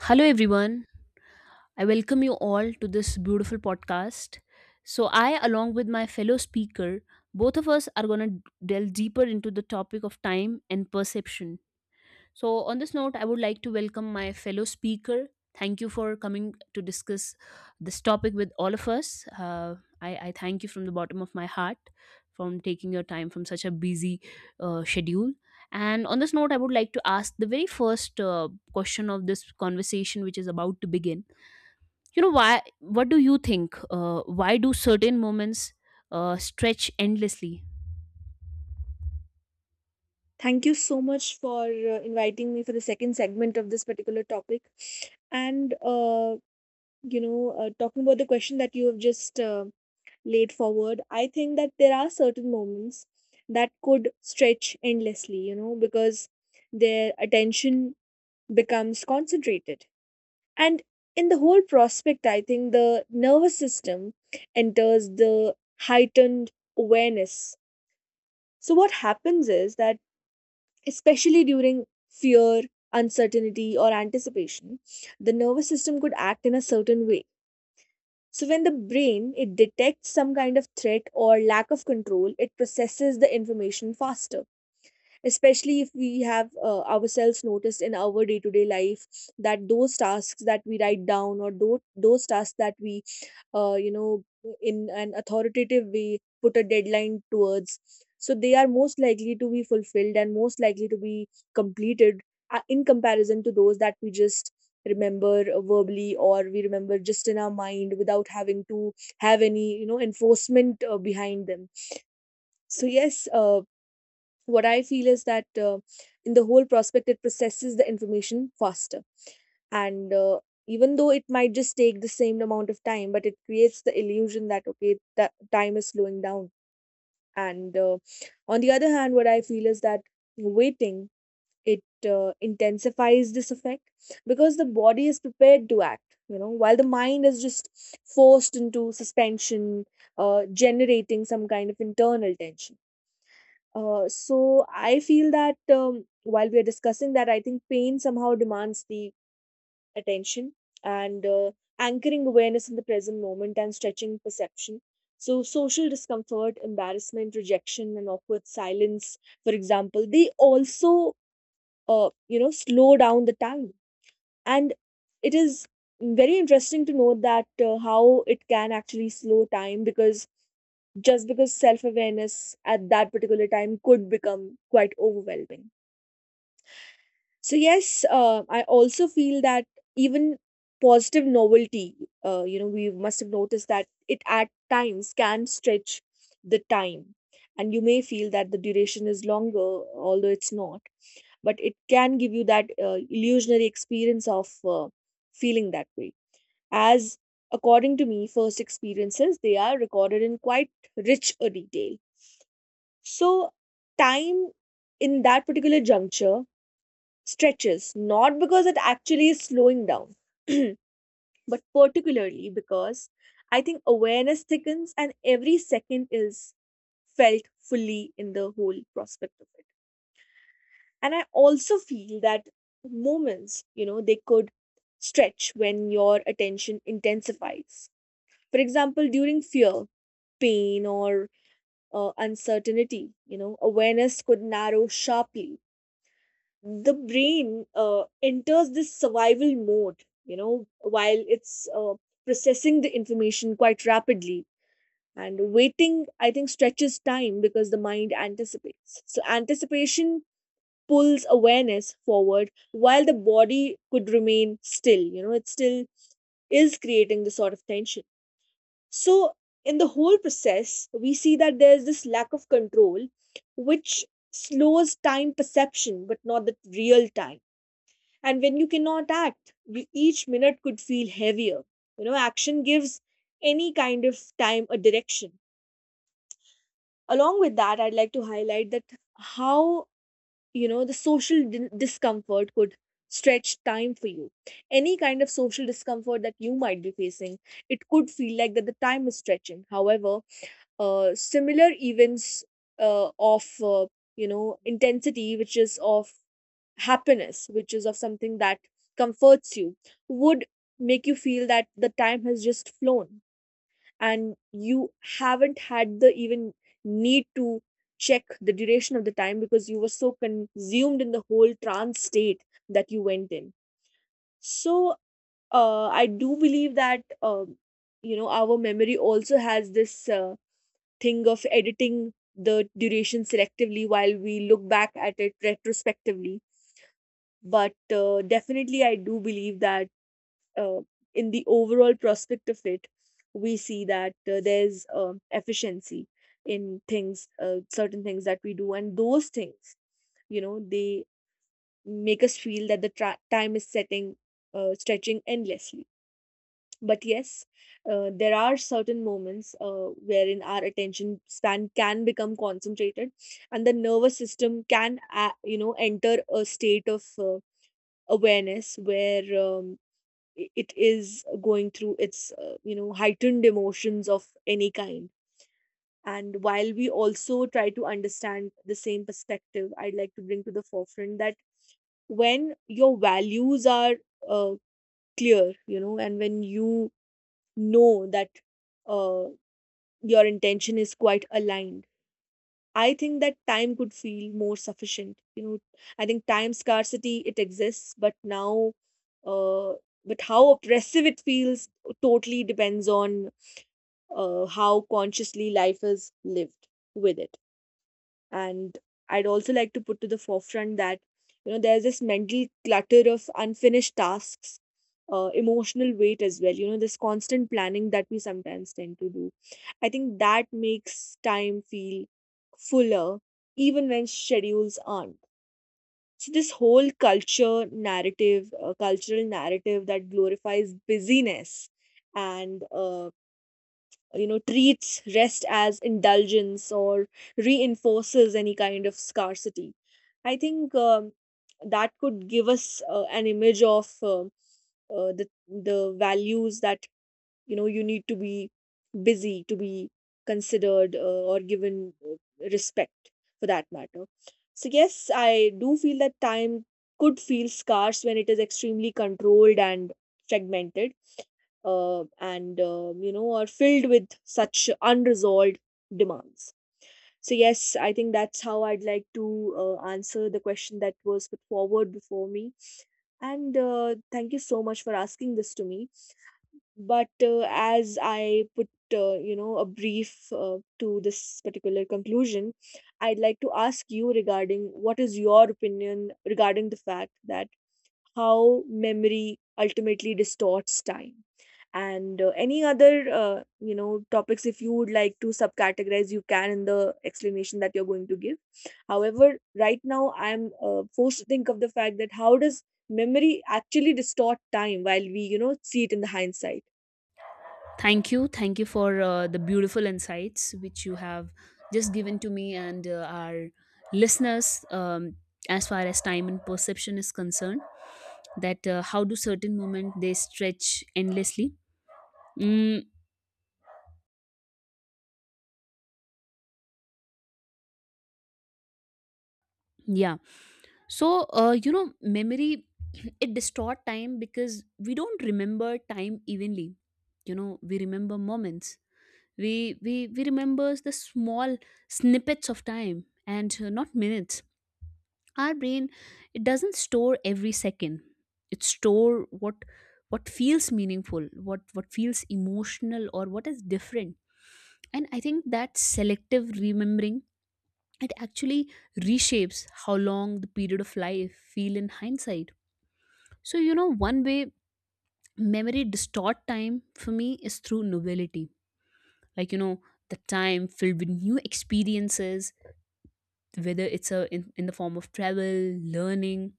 Hello, everyone. I welcome you all to this beautiful podcast. So, I, along with my fellow speaker, both of us are going to delve deeper into the topic of time and perception. So, on this note, I would like to welcome my fellow speaker. Thank you for coming to discuss this topic with all of us. I thank you from the bottom of my heart from taking your time from such a busy schedule. And on this note, I would like to ask the very first question of this conversation, which is about to begin. You know, why? What do you think? Why do certain moments stretch endlessly? Thank you so much for inviting me for the second segment of this particular topic. And, uh, Talking about the question that you have just laid forward, I think that there are certain moments that could stretch endlessly, you know, because their attention becomes concentrated. And in the whole prospect, I think the nervous system enters the heightened awareness. So, what happens is that especially during fear, uncertainty, or anticipation, the nervous system could act in a certain way. So, when the brain it detects some kind of threat or lack of control, it processes the information faster. Especially if we have ourselves noticed in our day-to-day life that those tasks that we write down or those tasks that we uh, you know, in an authoritative way, put a deadline towards. So they are most likely to be fulfilled and most likely to be completed in comparison to those that we just remember verbally or we remember just in our mind without having to have any you know enforcement behind them. So yes, what I feel is that in the whole prospect, it processes the information faster. And even though it might just take the same amount of time, but it creates the illusion that, okay, that time is slowing down. And on the other hand, what I feel is that waiting, it intensifies this effect because the body is prepared to act, you know, while the mind is just forced into suspension, generating some kind of internal tension. So I feel that while we are discussing that, I think pain somehow demands the attention and anchoring awareness in the present moment and stretching perception. So social discomfort, embarrassment, rejection, and awkward silence, for example, they also slow down the time. And it is very interesting to know that how it can actually slow time because just because self awareness at that particular time could become quite overwhelming. So, yes, I also feel that even positive novelty, we must have noticed that it at times can stretch the time. And you may feel that the duration is longer, although it's not, but it can give you that illusionary experience of feeling that way. As according to me, first experiences, they are recorded in quite rich a detail. So, time in that particular juncture stretches not because it actually is slowing down, but particularly because I think awareness thickens and every second is felt fully in the whole prospect of it. And I also feel that moments, you know, they could stretch when your attention intensifies. For example, during fear, pain, or uncertainty, you know, awareness could narrow sharply. The brain enters this survival mode, you know, while it's processing the information quite rapidly. And waiting, I think, stretches time because the mind anticipates. So anticipation pulls awareness forward while the body could remain still, you know, it still is creating the sort of tension. So in the whole process we see that there's this lack of control which slows time perception but not the real time. And when you cannot act you, each minute could feel heavier. You know, action gives any kind of time a direction. Along with that, I'd like to highlight that how, you know, the discomfort could stretch time for you. Any kind of social discomfort that you might be facing, it could feel like that the time is stretching. However, similar events of you know, intensity, which is of happiness, which is of something that comforts you, would make you feel that the time has just flown and you haven't had the even need to check the duration of the time because you were so consumed in the whole trance state that you went in. So, I do believe that, you know, our memory also has this thing of editing the duration selectively while we look back at it retrospectively. But definitely I do believe that uh, in the overall prospect of it, we see that there's efficiency in things, certain things that we do, and those things, you know, they make us feel that the time is setting, stretching endlessly. But yes, there are certain moments wherein our attention span can become concentrated and the nervous system can you know, enter a state of awareness where it is going through its heightened emotions of any kind. And while we also try to understand the same perspective, I'd like to bring to the forefront that when your values are uh, clear, you know, and when you know that uh, your intention is quite aligned, I think that time could feel more sufficient. You know, I think time scarcity it exists, but now, uh, but how oppressive it feels totally depends on how consciously life is lived with it. And I'd also like to put to the forefront that you know there's this mental clutter of unfinished tasks, emotional weight as well, you know, this constant planning that we sometimes tend to do. I think that makes time feel fuller even when schedules aren't. So this whole culture narrative, cultural narrative that glorifies busyness and you know, treats rest as indulgence or reinforces any kind of scarcity, I think that could give us an image of the values that you know, you need to be busy to be considered or given respect for that matter. So yes, I do feel that time could feel scarce when it is extremely controlled and fragmented, and you know, are filled with such unresolved demands. So yes, I think that's how I'd like to answer the question that was put forward before me. And thank you so much for asking this to me. But as I put a brief to this particular conclusion, I'd like to ask you regarding what is your opinion regarding the fact that how memory ultimately distorts time. And any other topics if you would like to subcategorize you can in the explanation that you're going to give. However right now I'm forced to think of the fact that how does memory actually distort time while we, you know, see it in the hindsight. Thank you. Thank you for the beautiful insights which you have just given to me and our listeners, as far as time and perception is concerned, that how do certain moments they stretch endlessly. Mm, yeah. So, you know, memory, it distort time because we don't remember time evenly. You know, we remember moments. We remember the small snippets of time and, not minutes. Our brain, it doesn't store every second, it store what feels meaningful, what feels emotional, or what is different. And I think that selective remembering, it actually reshapes how long the period of life feel in hindsight. So you know, one way memory distort time for me is through novelty. Like you know, the time filled with new experiences, whether it's in the form of travel, learning,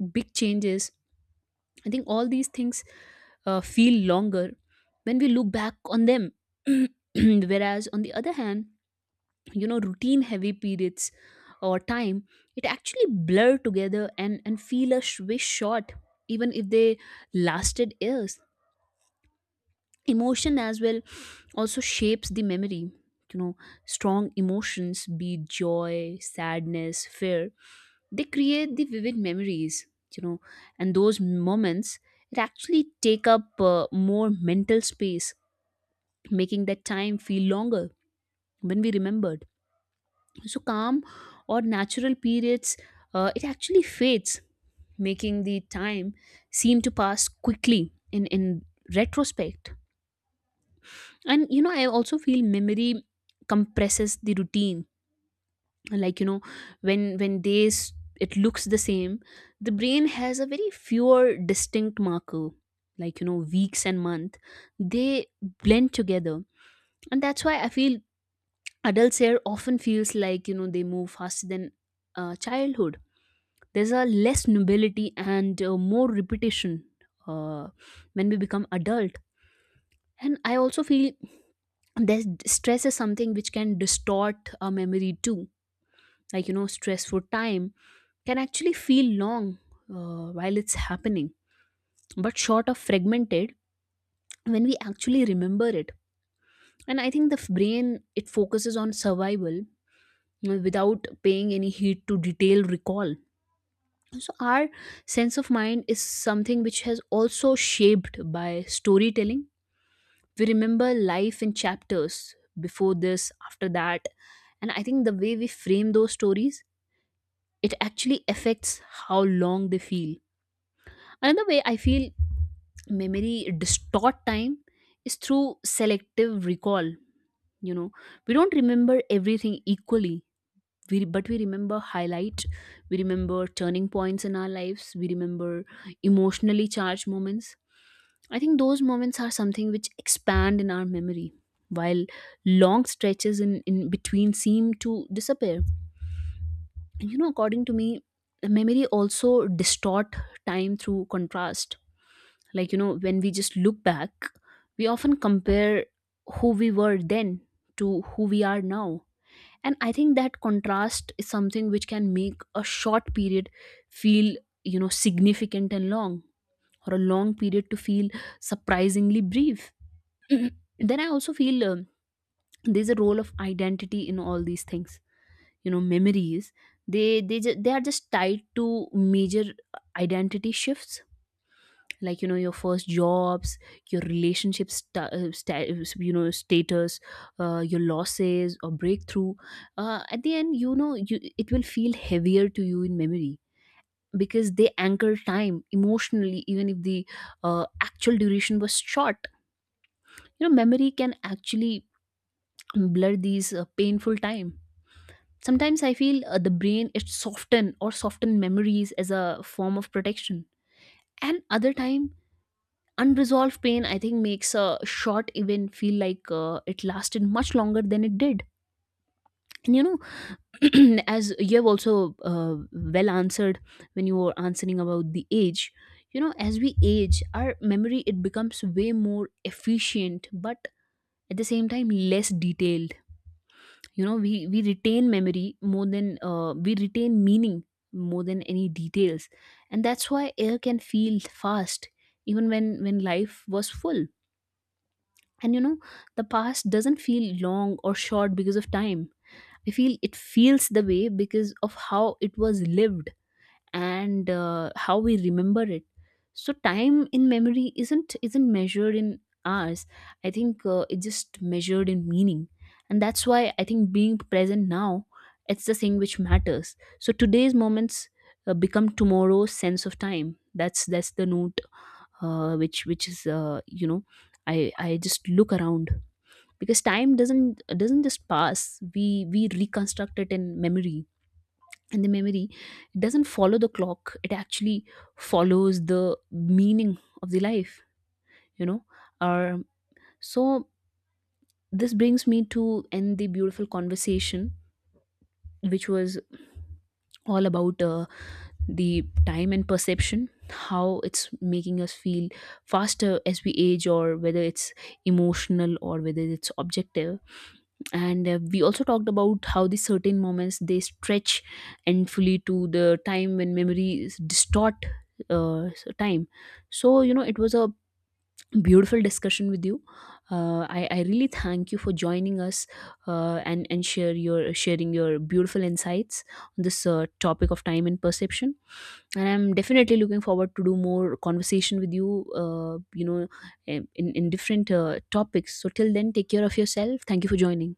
big changes, I think all these things feel longer when we look back on them. Whereas, on the other hand, you know, routine heavy periods or time, it actually blur together and feel a way short, even if they lasted years. Emotion as well also shapes the memory. You know, strong emotions, be it joy, sadness, fear, they create the vivid memories. You know, and those moments, it actually take up more mental space, making that time feel longer when we remembered. So calm or natural periods, it actually fades, making the time seem to pass quickly in retrospect. And you know, I also feel memory compresses the routine. Like you know, when they it looks the same, the brain has a very fewer distinct marker. Like you know, weeks and month, they blend together. And that's why I feel adults here often feels like, you know, they move faster than childhood. There's a less nobility and more repetition uh, when we become adult. And I also feel that stress is something which can distort our memory too. Like you know, stressful time can actually feel long while it's happening, but short of fragmented when we actually remember it. And I think the brain, it focuses on survival without paying any heed to detailed recall. So our sense of mind is something which has also shaped by storytelling. We remember life in chapters, before this, after that, and I think the way we frame those stories, it actually affects how long they feel. Another way I feel memory distort time is through selective recall. You know, we don't remember everything equally. We, but we remember highlight, we remember turning points in our lives, we remember emotionally charged moments. I think those moments are something which expand in our memory, while long stretches in between seem to disappear. And you know, according to me, memory also distort time through contrast. Like, you know, when we just look back, we often compare who we were then to who we are now. And I think that contrast is something which can make a short period feel, you know, significant and long, or a long period to feel surprisingly brief. then I also feel, there's a role of identity in all these things. You know, memories, they are just tied to major identity shifts. Like you know, your first jobs, your relationship you know, status, your losses or breakthrough, at the end, you know, you, it will feel heavier to you in memory because they anchor time emotionally, even if the actual duration was short. You know, memory can actually blur these painful time. Sometimes I feel the brain, it soften or soften memories as a form of protection. And other time, unresolved pain, I think, makes a short event feel like it lasted much longer than it did. And you know, as you have also well answered when you were answering about the age, you know, as we age, our memory, it becomes way more efficient, but at the same time less detailed. You know, we retain memory more than, we retain meaning more than any details, and that's why air can feel fast even when life was full. And you know, the past doesn't feel long or short because of time. I feel it feels the way because of how it was lived and how we remember it. So time in memory isn't measured in hours. I think it's just measured in meaning. And that's why I think being present now, it's the thing which matters. So today's moments become tomorrow's sense of time. That's the note which is, you know, I just look around, because time doesn't just pass. We reconstruct it in memory, and the memory, it doesn't follow the clock, it actually follows the meaning of the life. You know, um, so this brings me to end the beautiful conversation which was all about the time and perception, how it's making us feel faster as we age, or whether it's emotional, or whether it's objective. And we also talked about how the certain moments they stretch, and to the time when memories distort time. So you know, it was a beautiful discussion with you. I really thank you for joining us and share your sharing your beautiful insights on this topic of time and perception. And I'm definitely looking forward to do more conversation with you, you know, in different topics. So till then, take care of yourself. Thank you for joining.